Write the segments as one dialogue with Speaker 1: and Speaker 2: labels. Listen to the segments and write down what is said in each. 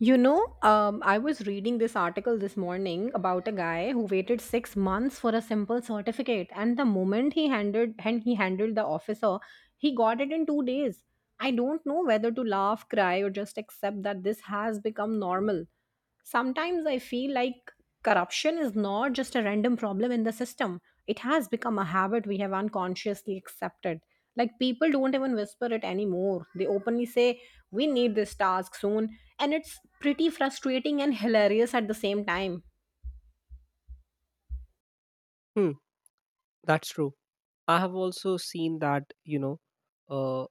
Speaker 1: You know, I was reading this article this morning about a guy who waited 6 months for a simple certificate, and the moment he handed and he handled the officer, he got it in 2 days. I don't know whether to laugh, cry, or just accept that this has become normal. Sometimes I feel like corruption is not just a random problem in the system; it has become a habit we have unconsciously accepted. Like people don't even whisper it anymore. They openly say, we need this task soon. And it's pretty frustrating and hilarious at the same time.
Speaker 2: Hmm, that's true. I have also seen that, uh,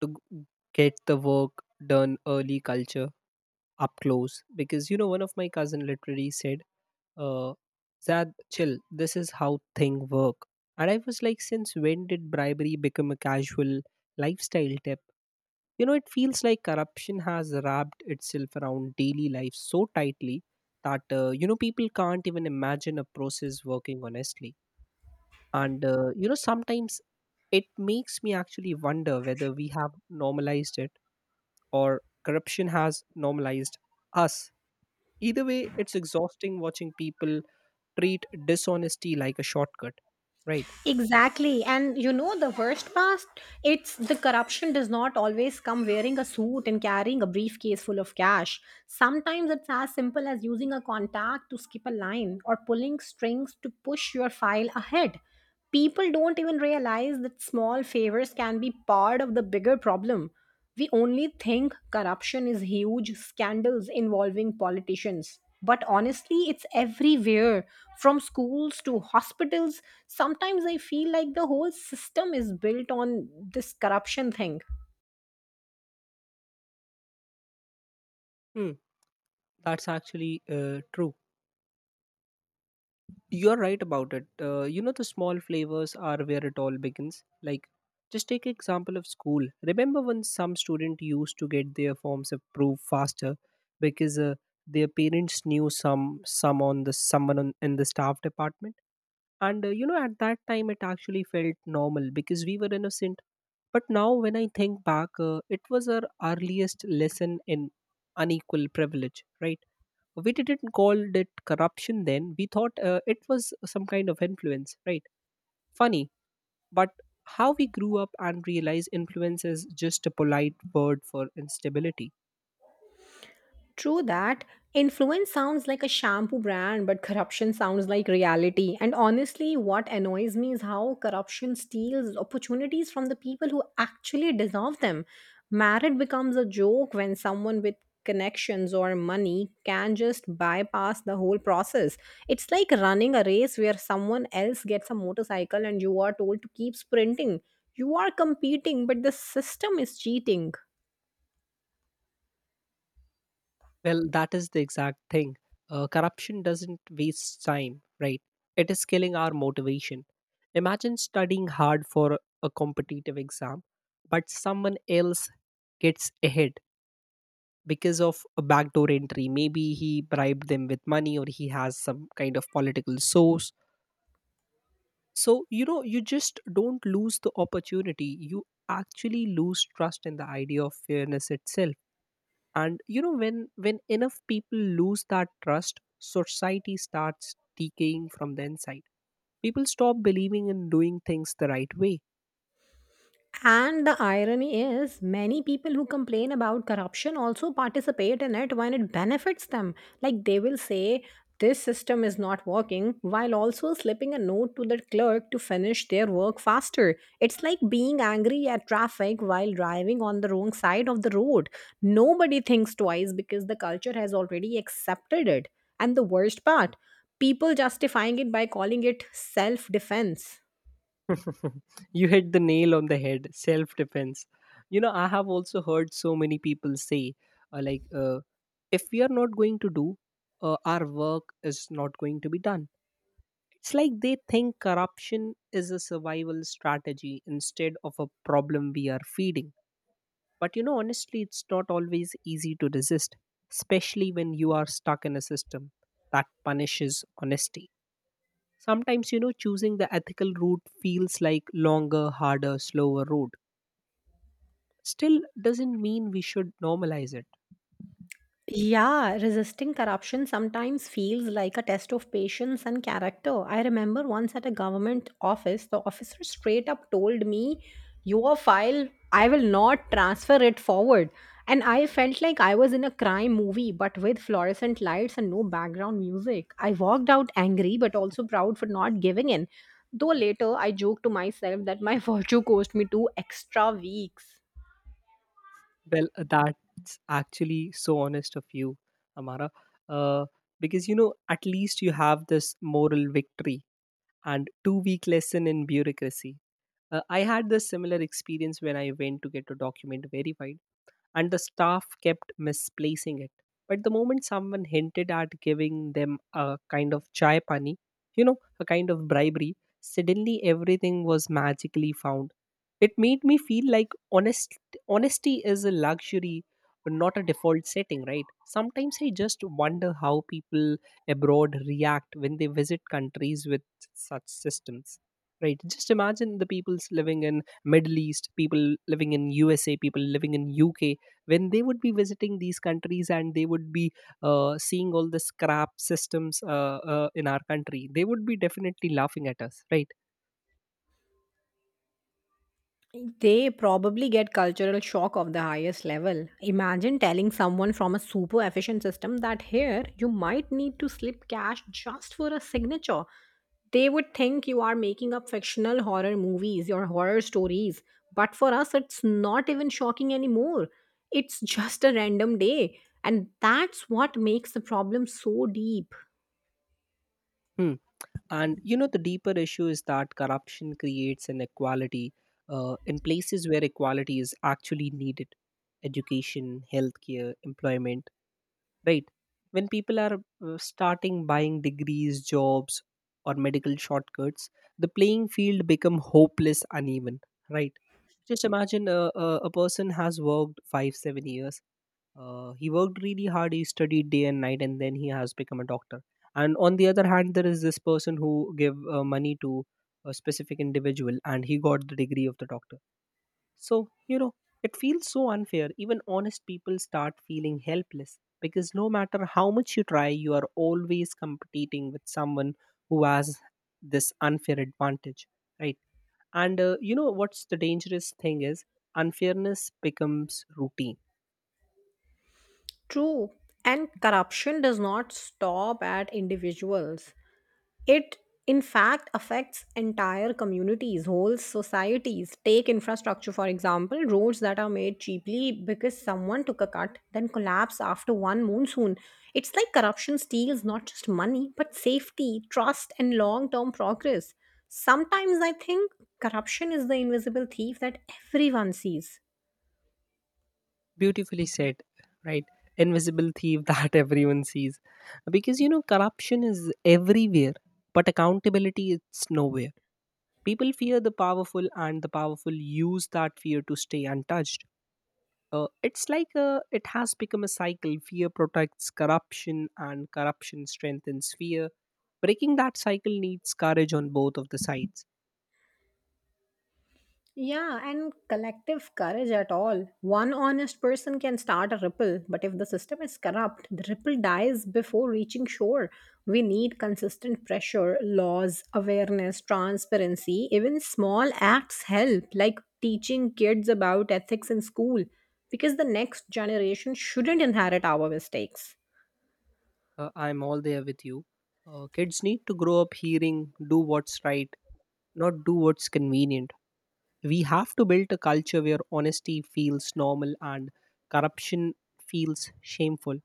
Speaker 2: to g- get the work done early culture up close. Because, you know, one of my cousin literally said, uh, Zad, chill, this is how thing work. And I was like, since when did bribery become a casual lifestyle tip? You know, it feels like corruption has wrapped itself around daily life so tightly that people can't even imagine a process working honestly. And sometimes it makes me actually wonder whether we have normalized it or corruption has normalized us. Either way, it's exhausting watching people treat dishonesty like a shortcut, right?
Speaker 1: Exactly. And you know the worst part? It's the corruption does not always come wearing a suit and carrying a briefcase full of cash. Sometimes it's as simple as using a contact to skip a line or pulling strings to push your file ahead. People don't even realize that small favors can be part of the bigger problem. We only think corruption is huge scandals involving politicians. But honestly, it's everywhere from schools to hospitals. Sometimes I feel like the whole system is built on this corruption thing.
Speaker 2: Hmm, that's actually uh, true. You're right about it. You know, the small flavors are where it all begins. Like, just take example of school. Remember when some student used to get their forms approved faster because their parents knew someone in the staff department, and you know at that time it actually felt normal because we were innocent. But now when I think back, it was our earliest lesson in unequal privilege, right? We didn't call it corruption then. We thought it was some kind of influence, right? Funny, but how we grew up and realize influence is just a polite word for instability.
Speaker 1: True that. Influence sounds like a shampoo brand, but corruption sounds like reality. And honestly, what annoys me is how corruption steals opportunities from the people who actually deserve them. Merit becomes a joke when someone with connections or money can just bypass the whole process. It's like running a race where someone else gets a motorcycle and you are told to keep sprinting. You are competing, but the system is cheating.
Speaker 2: Well, that is the exact thing. Corruption doesn't waste time, right? It is killing our motivation. Imagine studying hard for a competitive exam, but someone else gets ahead because of a backdoor entry. Maybe he bribed them with money or he has some kind of political source. So, you know, you just don't lose the opportunity. You actually lose trust in the idea of fairness itself. And you know, when enough people lose that trust, society starts decaying from the inside. People stop believing in doing things the right way.
Speaker 1: And the irony is, many people who complain about corruption also participate in it when it benefits them. Like they will say, this system is not working, while also slipping a note to the clerk to finish their work faster. It's like being angry at traffic while driving on the wrong side of the road. Nobody thinks twice because the culture has already accepted it. And the worst part, people justifying it by calling it self defense.
Speaker 2: You hit the nail on the head, self defense. You know, I have also heard so many people say, uh, like uh, if we are not going to do, our work is not going to be done. It's like they think corruption is a survival strategy instead of a problem we are feeding. But you know, honestly, it's not always easy to resist, especially when you are stuck in a system that punishes honesty. Sometimes, you know, choosing the ethical route feels like longer, harder, slower route. Still doesn't mean we should normalize it.
Speaker 1: Yeah, resisting corruption sometimes feels like a test of patience and character. I remember once at a government office, the officer straight up told me, your file, I will not transfer it forward. And I felt like I was in a crime movie, but with fluorescent lights and no background music. I walked out angry, but also proud for not giving in. Though later I joked to myself that my virtue cost me two extra weeks.
Speaker 2: Well, that's actually so honest of you, Amara. Uh, because, you know, at least you have this moral victory and 2 week lesson in bureaucracy. I had this similar experience when I went to get a document verified, and the staff kept misplacing it. But the moment someone hinted at giving them a kind of chai pani, you know, a kind of bribery, suddenly everything was magically found. It made me feel like honesty is a luxury, not a default setting, right? Sometimes I just wonder how people abroad react when they visit countries with such systems. Right. Just imagine the people's living in Middle East, people living in USA, people living in UK, when they would be visiting these countries and they would be seeing all the scrap systems in our country. They would be definitely laughing at us, right?
Speaker 1: They probably get cultural shock of the highest level. Imagine telling someone from a super efficient system that here you might need to slip cash just for a signature. They would think you are making up fictional horror movies or horror stories. But for us, it's not even shocking anymore. It's just a random day. And that's what makes the problem so deep.
Speaker 2: hmm. And you know, the deeper issue is that corruption creates inequality in places where equality is actually needed: education, healthcare, employment, right? When people are starting buying degrees, jobs or medical shortcuts, the playing field become hopeless uneven, right? Just imagine a person has worked 5 7 years. He worked really hard, he studied day and night, and then he has become a doctor. And on the other hand, there is this person who gave money to a specific individual and he got the degree of the doctor. So, you know, it feels so unfair. Even honest people start feeling helpless because no matter how much you try, you are always competing with someone who has this unfair advantage, right? And you know what's the dangerous thing is unfairness becomes routine.
Speaker 1: True. And corruption does not stop at individuals. It, in fact, affects entire communities, whole societies. Take infrastructure, for example, roads that are made cheaply because someone took a cut, then collapse after one monsoon. It's like corruption steals not just money, but safety, trust, and long term progress. Sometimes I think corruption is the invisible thief that everyone sees.
Speaker 2: Beautifully said, right? Invisible thief that everyone sees. Because you know, corruption is everywhere, but accountability, it's nowhere. People fear the powerful, and the powerful use that fear to stay untouched. It's like it has become a cycle. Fear protects corruption, and corruption strengthens fear. Breaking that cycle needs courage on both of the sides.
Speaker 1: Yeah, and collective courage at all. One honest person can start a ripple, but if the system is corrupt, the ripple dies before reaching shore. We need consistent pressure, laws, awareness, transparency. Even small acts help, like teaching kids about ethics in school, because the next generation shouldn't inherit our mistakes.
Speaker 2: I'm all there with you. Kids need to grow up hearing, do what's right, not do what's convenient. We have to build a culture where honesty feels normal and corruption feels shameful,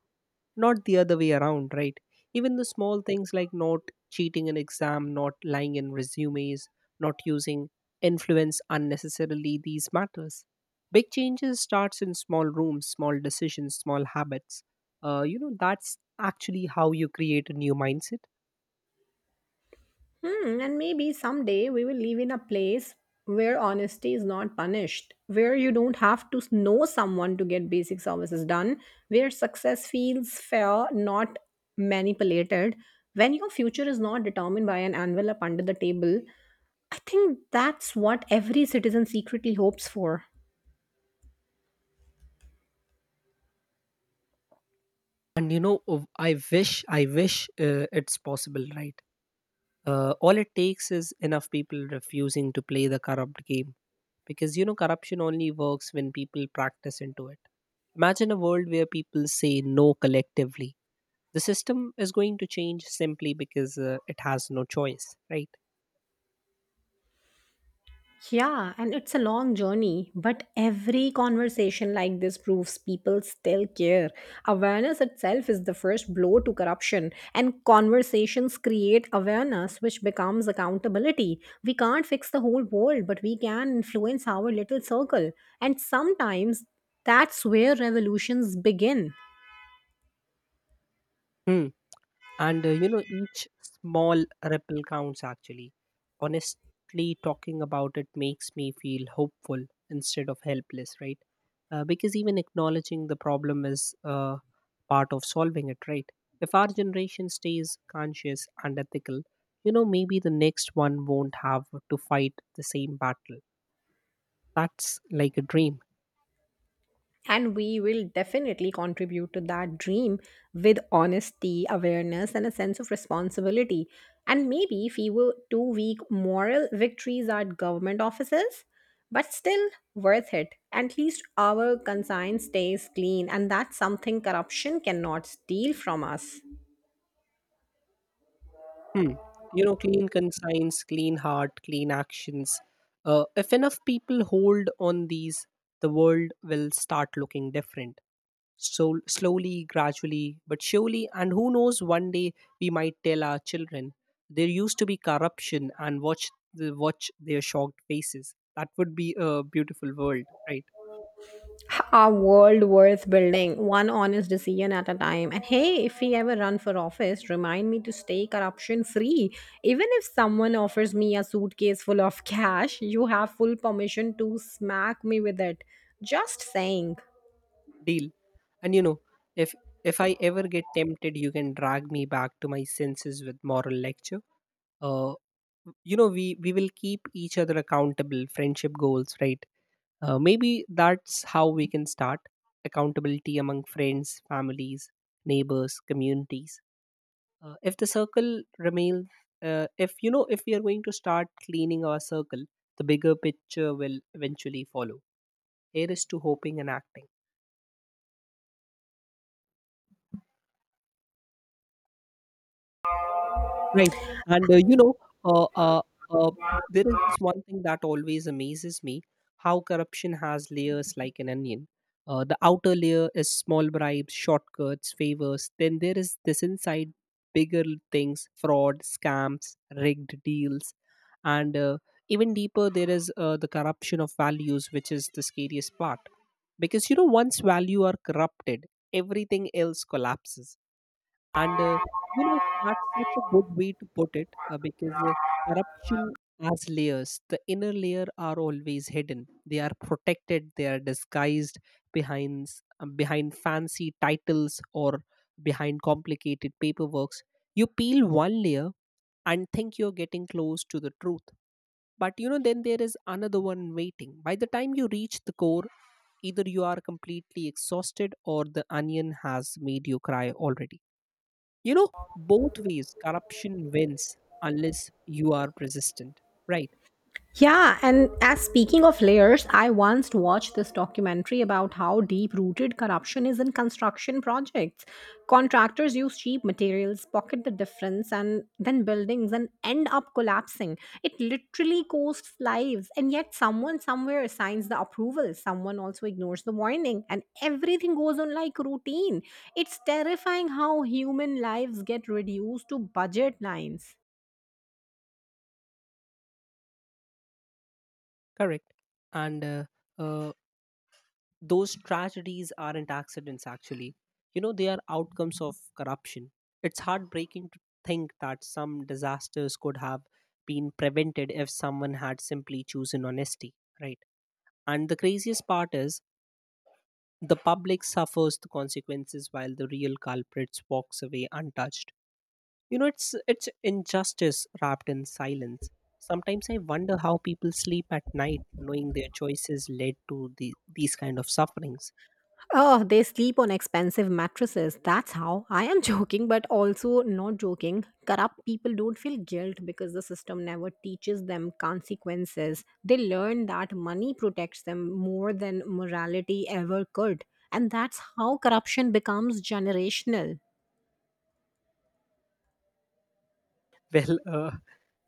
Speaker 2: not the other way around, right? Even the small things like not cheating an exam, not lying in resumes, not using influence unnecessarily, these matters. Big changes starts in small rooms, small decisions, small habits. You know, that's actually how you create a new mindset.
Speaker 1: Hmm, and maybe someday we will live in a place where honesty is not punished, where you don't have to know someone to get basic services done, where success feels fair, not manipulated. When your future is not determined by an envelope under the table, I think that's what every citizen secretly hopes for.
Speaker 2: And you know, I wish, I wish, it's possible, right? All it takes is enough people refusing to play the corrupt game. Because you know, corruption only works when people practice into it. Imagine a world where people say no collectively. The system is going to change simply because it has no choice, right?
Speaker 1: Yeah, and it's a long journey, but every conversation like this proves people still care. Awareness itself is the first blow to corruption, and conversations create awareness, which becomes accountability. We can't fix the whole world, but we can influence our little circle, and sometimes that's where revolutions begin.
Speaker 2: hmm. And you know, each small ripple counts actually. Honestly, talking about it makes me feel hopeful instead of helpless, right? Because even acknowledging the problem is, part of solving it, right? If our generation stays conscious and ethical, you know, maybe the next one won't have to fight the same battle. That's like a dream.
Speaker 1: And we will definitely contribute to that dream with honesty, awareness, and a sense of responsibility. And maybe fewer 2 week moral victories at government offices, but still worth it. At least our conscience stays clean, and that's something corruption cannot steal from us.
Speaker 2: Hmm. You know, clean conscience, clean heart, clean actions. If enough people hold on these, the world will start looking different. So slowly, gradually, but surely, and who knows? One day we might tell our children there used to be corruption, and watch watch their shocked faces. That would be a beautiful world, right?
Speaker 1: A world worth building, one honest decision at a time. And hey, if we ever run for office, remind me to stay corruption free. Even if someone offers me a suitcase full of cash, you have full permission to smack me with it. Just saying.
Speaker 2: Deal. And you know, if if I ever get tempted, you can drag me back to my senses with moral lectures. uh, you know, we will keep each other accountable, friendship goals, right? Maybe that's how we can start accountability among friends, families, neighbors, communities. If the circle remains, if you know, if we are going to start cleaning our circle, the bigger picture will eventually follow. Here is to hoping and acting. Right. And you know, uh, uh, uh, there is this one thing that always amazes me, how corruption has layers like an onion. The outer layer is small bribes, shortcuts, favors. Then there is this inside bigger things: fraud, scams, rigged deals. And even deeper, there is the corruption of values, which is the scariest part. Because, you know, once value are corrupted, everything else collapses. And you know, that's such a good way to put it, because corruption has layers. The inner layer are always hidden. They are protected. They are disguised behind fancy titles or behind complicated paperworks. You peel one layer and think you're getting close to the truth. But you know, then there is another one waiting. By the time you reach the core, either you are completely exhausted or the onion has made you cry already. You know, both ways, corruption wins unless you are resistant. Right,
Speaker 1: Yeah, and as speaking of layers, I once watched this documentary about how deep rooted corruption is in construction projects. Contractors use cheap materials, pocket the difference, and then buildings and end up collapsing. It literally costs lives, and yet someone somewhere signs the approval, someone also ignores the warning, and everything goes on like routine. It's terrifying how human lives get reduced to budget lines.
Speaker 2: correct. And uh, those tragedies aren't accidents, actually. You know, they are outcomes of corruption. It's heartbreaking to think that some disasters could have been prevented if someone had simply chosen honesty. Right. And the craziest part is the public suffers the consequences while the real culprits walks away untouched. You know, it's injustice wrapped in silence. Sometimes I wonder how people sleep at night, knowing their choices led to these kind of sufferings.
Speaker 1: Oh, they sleep on expensive mattresses. That's how. I am joking, but also not joking. Corrupt people don't feel guilt because the system never teaches them consequences. They learn that money protects them more than morality ever could. And that's how corruption becomes generational.
Speaker 2: Well,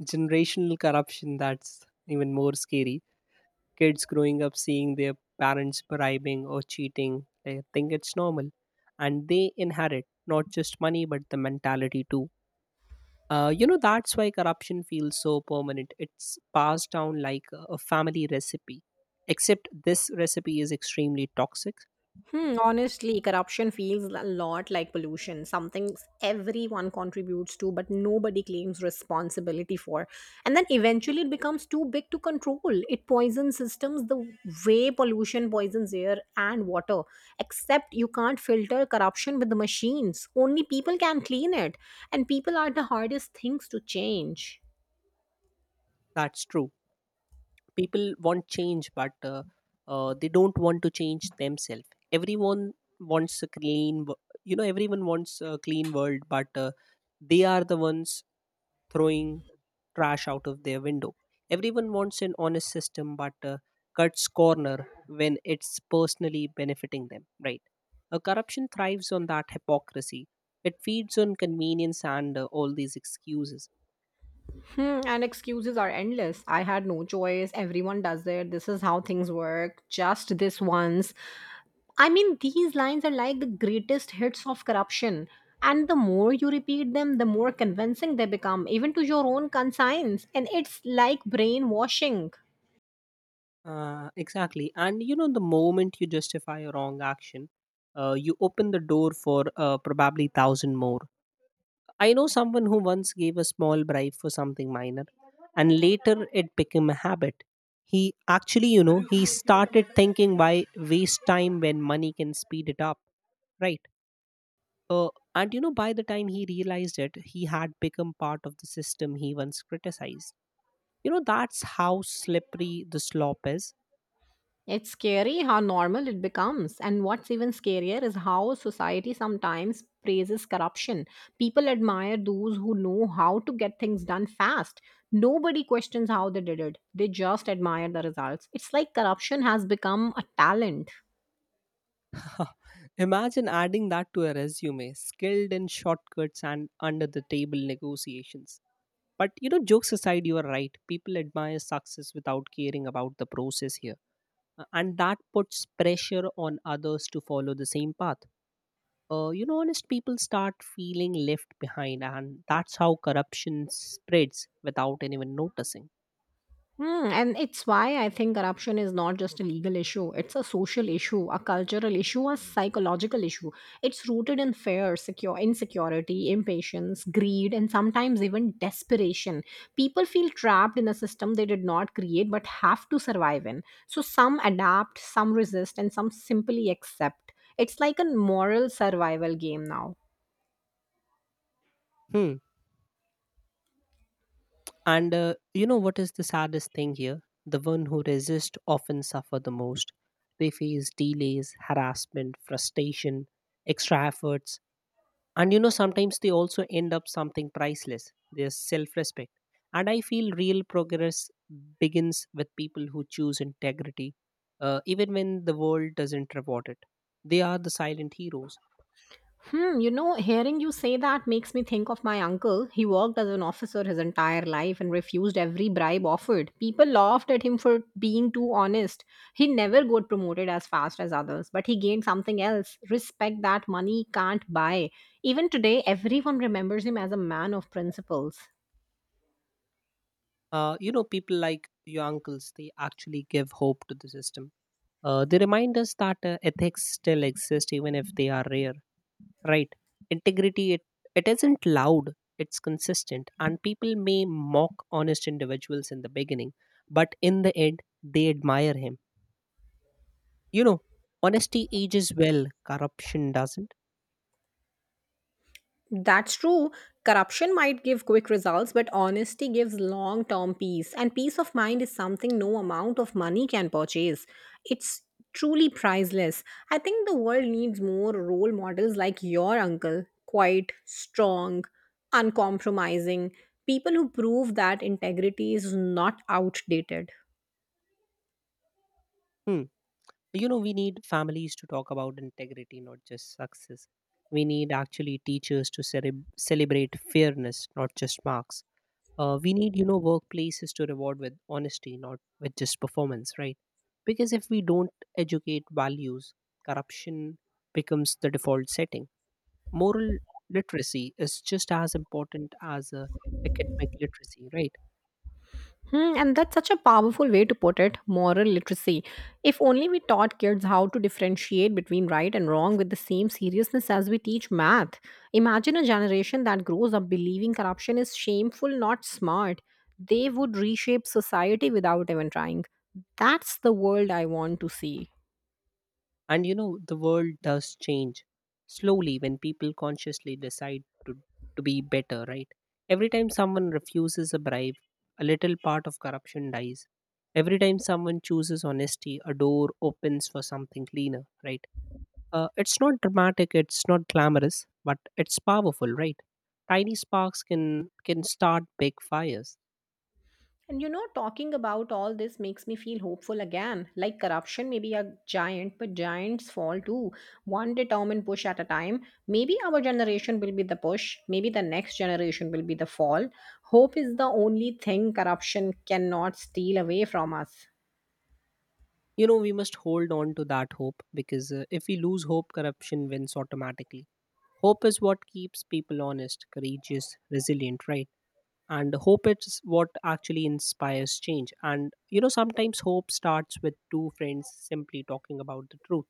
Speaker 2: generational corruption, that's even more scary. Kids growing up seeing their parents bribing or cheating, they think it's normal, and they inherit not just money but the mentality too. You know, that's why corruption feels so permanent. It's passed down like a family recipe, except this recipe is extremely toxic.
Speaker 1: Hmm, honestly, corruption feels a lot like pollution, something everyone contributes to, but nobody claims responsibility for. And then eventually it becomes too big to control. It poisons systems the way pollution poisons air and water, except you can't filter corruption with the machines. Only people can clean it. And people are the hardest things to change.
Speaker 2: That's true. People want change, but they don't want to change themselves. Everyone wants a you know, everyone wants a clean world, but they are the ones throwing trash out of their window. Everyone wants an honest system, but cuts corner when it's personally benefiting them, right? Corruption thrives on that hypocrisy. It feeds on convenience and all these excuses.
Speaker 1: Hmm, and excuses are endless. I had no choice. Everyone does it. This is how things work. Just this once I mean, these lines are like the greatest hits of corruption. And the more you repeat them, the more convincing they become, even to your own conscience. And it's like brainwashing.
Speaker 2: Exactly. And you know, the moment you justify a wrong action, you open the door for probably 1,000 more. I know someone who once gave a small bribe for something minor and later it became a habit. He actually, he started thinking, why waste time when money can speed it up, right? Uh, by the time he realized it, he had become part of the system he once criticized. You know, that's how slippery the slop is.
Speaker 1: It's scary how normal it becomes. And what's even scarier is how society sometimes praises corruption. People admire those who know how to get things done fast. Nobody questions how they did it, they just admire the results. It's like corruption has become a talent.
Speaker 2: Imagine adding that to a resume: skilled in shortcuts and under the table negotiations. But you know, jokes aside, you are right. People admire success without caring about the process here. And that puts pressure on others to follow the same path. You know, honest people start feeling left behind, and that's how corruption spreads without anyone noticing.
Speaker 1: Hmm, and it's why I think corruption is not just a legal issue. It's a social issue, a cultural issue, a psychological issue. It's rooted in fear, secure insecurity, impatience, greed, and sometimes even desperation. People feel trapped in a system they did not create but have to survive in. So some adapt, some resist, and some simply accept. It's like a moral survival game now.
Speaker 2: Hmm. And You know what is the saddest thing here? The one who resist often suffer the most. They face delays, harassment, frustration, extra efforts, and you know, sometimes they also end up something priceless, their self respect. And I feel real progress begins with people who choose integrity, even when the world doesn't reward it. They are the silent heroes.
Speaker 1: Hmm, you know, hearing you say that makes me think of my uncle. He worked as an officer his entire life and refused every bribe offered. People laughed at him for being too honest. He never got promoted as fast as others, but he gained something else respect that money can't buy. Even today, everyone remembers him as a man of principles.
Speaker 2: You know, people like your uncles, they actually give hope to the system. They remind us that ethics still exist even if they are rare. Right. Integrity, it isn't loud, it's consistent, and people may mock honest individuals in the beginning, but in the end they admire him. You know, honesty ages well, corruption doesn't.
Speaker 1: That's true. Corruption might give quick results, but honesty gives long term peace. And peace of mind is something no amount of money can purchase. It's truly priceless. I think the world needs more role models like your uncle quiet, strong, uncompromising, people who prove that integrity is not outdated.
Speaker 2: Hmm. You know, we need families to talk about integrity, not just success. We need actually teachers to celebrate fairness, not just marks. We need, you know, workplaces to reward with honesty, not with just performance, right? Because if we don't educate values, corruption becomes the default setting. Moral literacy is just as important as academic literacy, right?
Speaker 1: Hmm, and that's such a powerful way to put it moral literacy. If only we taught kids how to differentiate between right and wrong with the same seriousness as we teach math. Imagine a generation that grows up believing corruption is shameful, not smart. They would reshape society without even trying. That's the world I want to see.
Speaker 2: And you know, the world does change slowly when people consciously decide to be better, right? Every time someone refuses a bribe, a little part of corruption dies. Every time someone chooses honesty, a door opens for something cleaner, right? It's not dramatic, it's not glamorous, but it's powerful, right? Tiny sparks can start big fires.
Speaker 1: And you know, talking about all this makes me feel hopeful again. Like corruption may be a giant, but giants fall too. One determined push at a time. Maybe our generation will be the push. Maybe the next generation will be the fall. Hope is the only thing corruption cannot steal away from us.
Speaker 2: You know, we must hold on to that hope because if we lose hope, corruption wins automatically. Hope is what keeps people honest, courageous, resilient, right? And hope is what actually inspires change. And, you know, sometimes hope starts with two friends simply talking about the truth.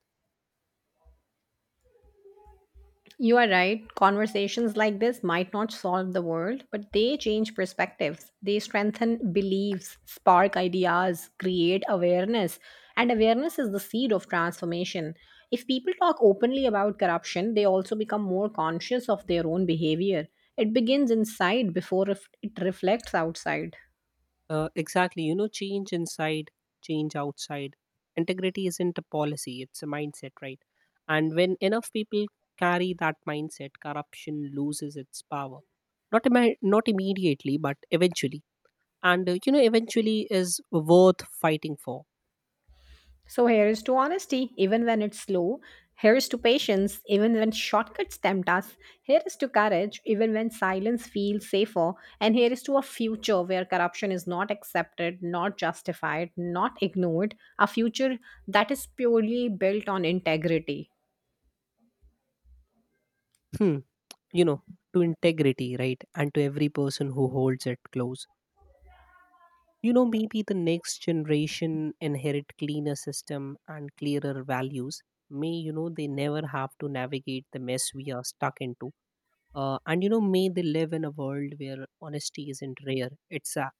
Speaker 1: You are right. Conversations like this might not solve the world, but they change perspectives. They strengthen beliefs, spark ideas, create awareness. And awareness is the seed of transformation. If people talk openly about corruption, they also become more conscious of their own behavior. It begins inside before it reflects outside.
Speaker 2: Exactly. You know, change inside, change outside. Integrity isn't a policy, it's a mindset, right? And when enough people carry that mindset, corruption loses its power. Not immediately, but eventually. And, you know, eventually is worth fighting for.
Speaker 1: So here's to honesty, even when it's slow. Here's to patience, even when shortcuts tempt us. Here is to courage, even when silence feels safer. And here is to a future where corruption is not accepted, not justified, not ignored. A future that is purely built on integrity.
Speaker 2: Hmm. You know, to integrity, right? And to every person who holds it close. You know, maybe the next generation inherit cleaner system and clearer values. May, you know, they never have to navigate the mess we are stuck into. And, you know, may they live in a world where honesty isn't rare. It's a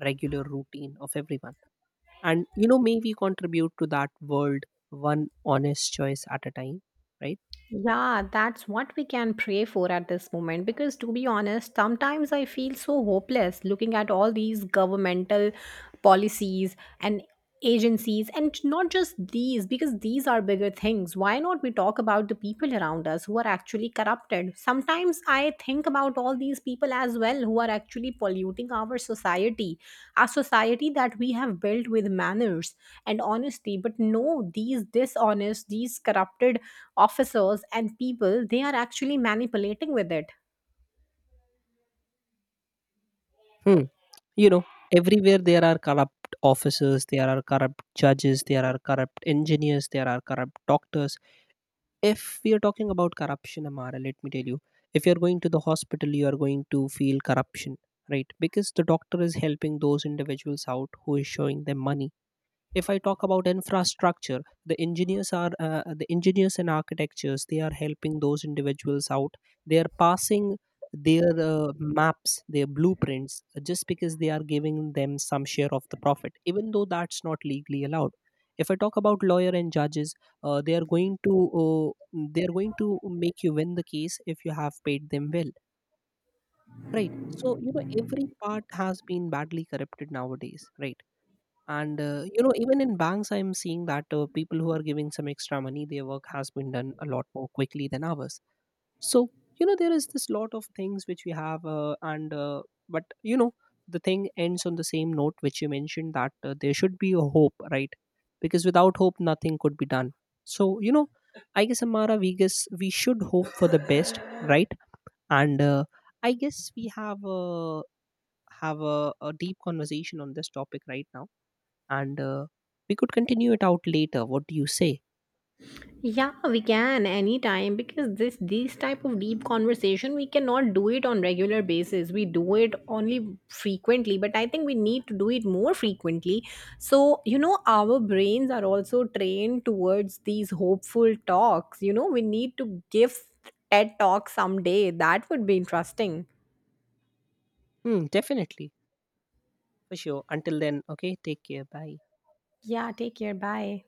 Speaker 2: regular routine of everyone. And, you know, may we contribute to that world one honest choice at a time, right?
Speaker 1: Yeah, that's what we can pray for at this moment. Because to be honest, sometimes I feel so hopeless looking at all these governmental policies and agencies, and not just these, because these are bigger things. Why not we talk about the people around us who are actually corrupted. Sometimes I think about all these people as well who are actually polluting our society, a society that we have built with manners and honesty. But no, these dishonest, these corrupted officers and people, they are actually manipulating with it.
Speaker 2: Hmm. You know, everywhere there are corrupt officers, there are corrupt judges, there are corrupt engineers, there are corrupt doctors. If we are talking about corruption, Amara, let me tell you, if you're going to the hospital, you are going to feel corruption, right? Because the doctor is helping those individuals out who is showing them money. If I talk about infrastructure, the engineers and architectures, they are helping those individuals out. They are passing their maps, their blueprints, just because they are giving them some share of the profit, even though that's not legally allowed. If I talk about lawyer and judges, uh, they are going to uh, they are going to make you win the case if you have paid them well, right? So you know, every part has been badly corrupted nowadays, right? and You know, even in banks I'm seeing that people who are giving some extra money, their work has been done a lot more quickly than ours. So you know, there is this lot of things which we have, and but you know, the thing ends on the same note which you mentioned, that there should be a hope, right? Because without hope nothing could be done. So you know, I guess, Amara, we guess we should hope for the best, right? and I guess we have a a deep conversation on this topic right now, and we could continue it out later. What do you say?
Speaker 1: Yeah, we can anytime because this these type of deep conversation we cannot do it on regular basis. We do it only frequently, but I think we need to do it more frequently. So, you know, our brains are also trained towards these hopeful talks. You know, we need to give TED talk someday. That would be interesting.
Speaker 2: Hmm, definitely, for sure. Until then, okay, take care. Bye.
Speaker 1: Yeah, take care. Bye.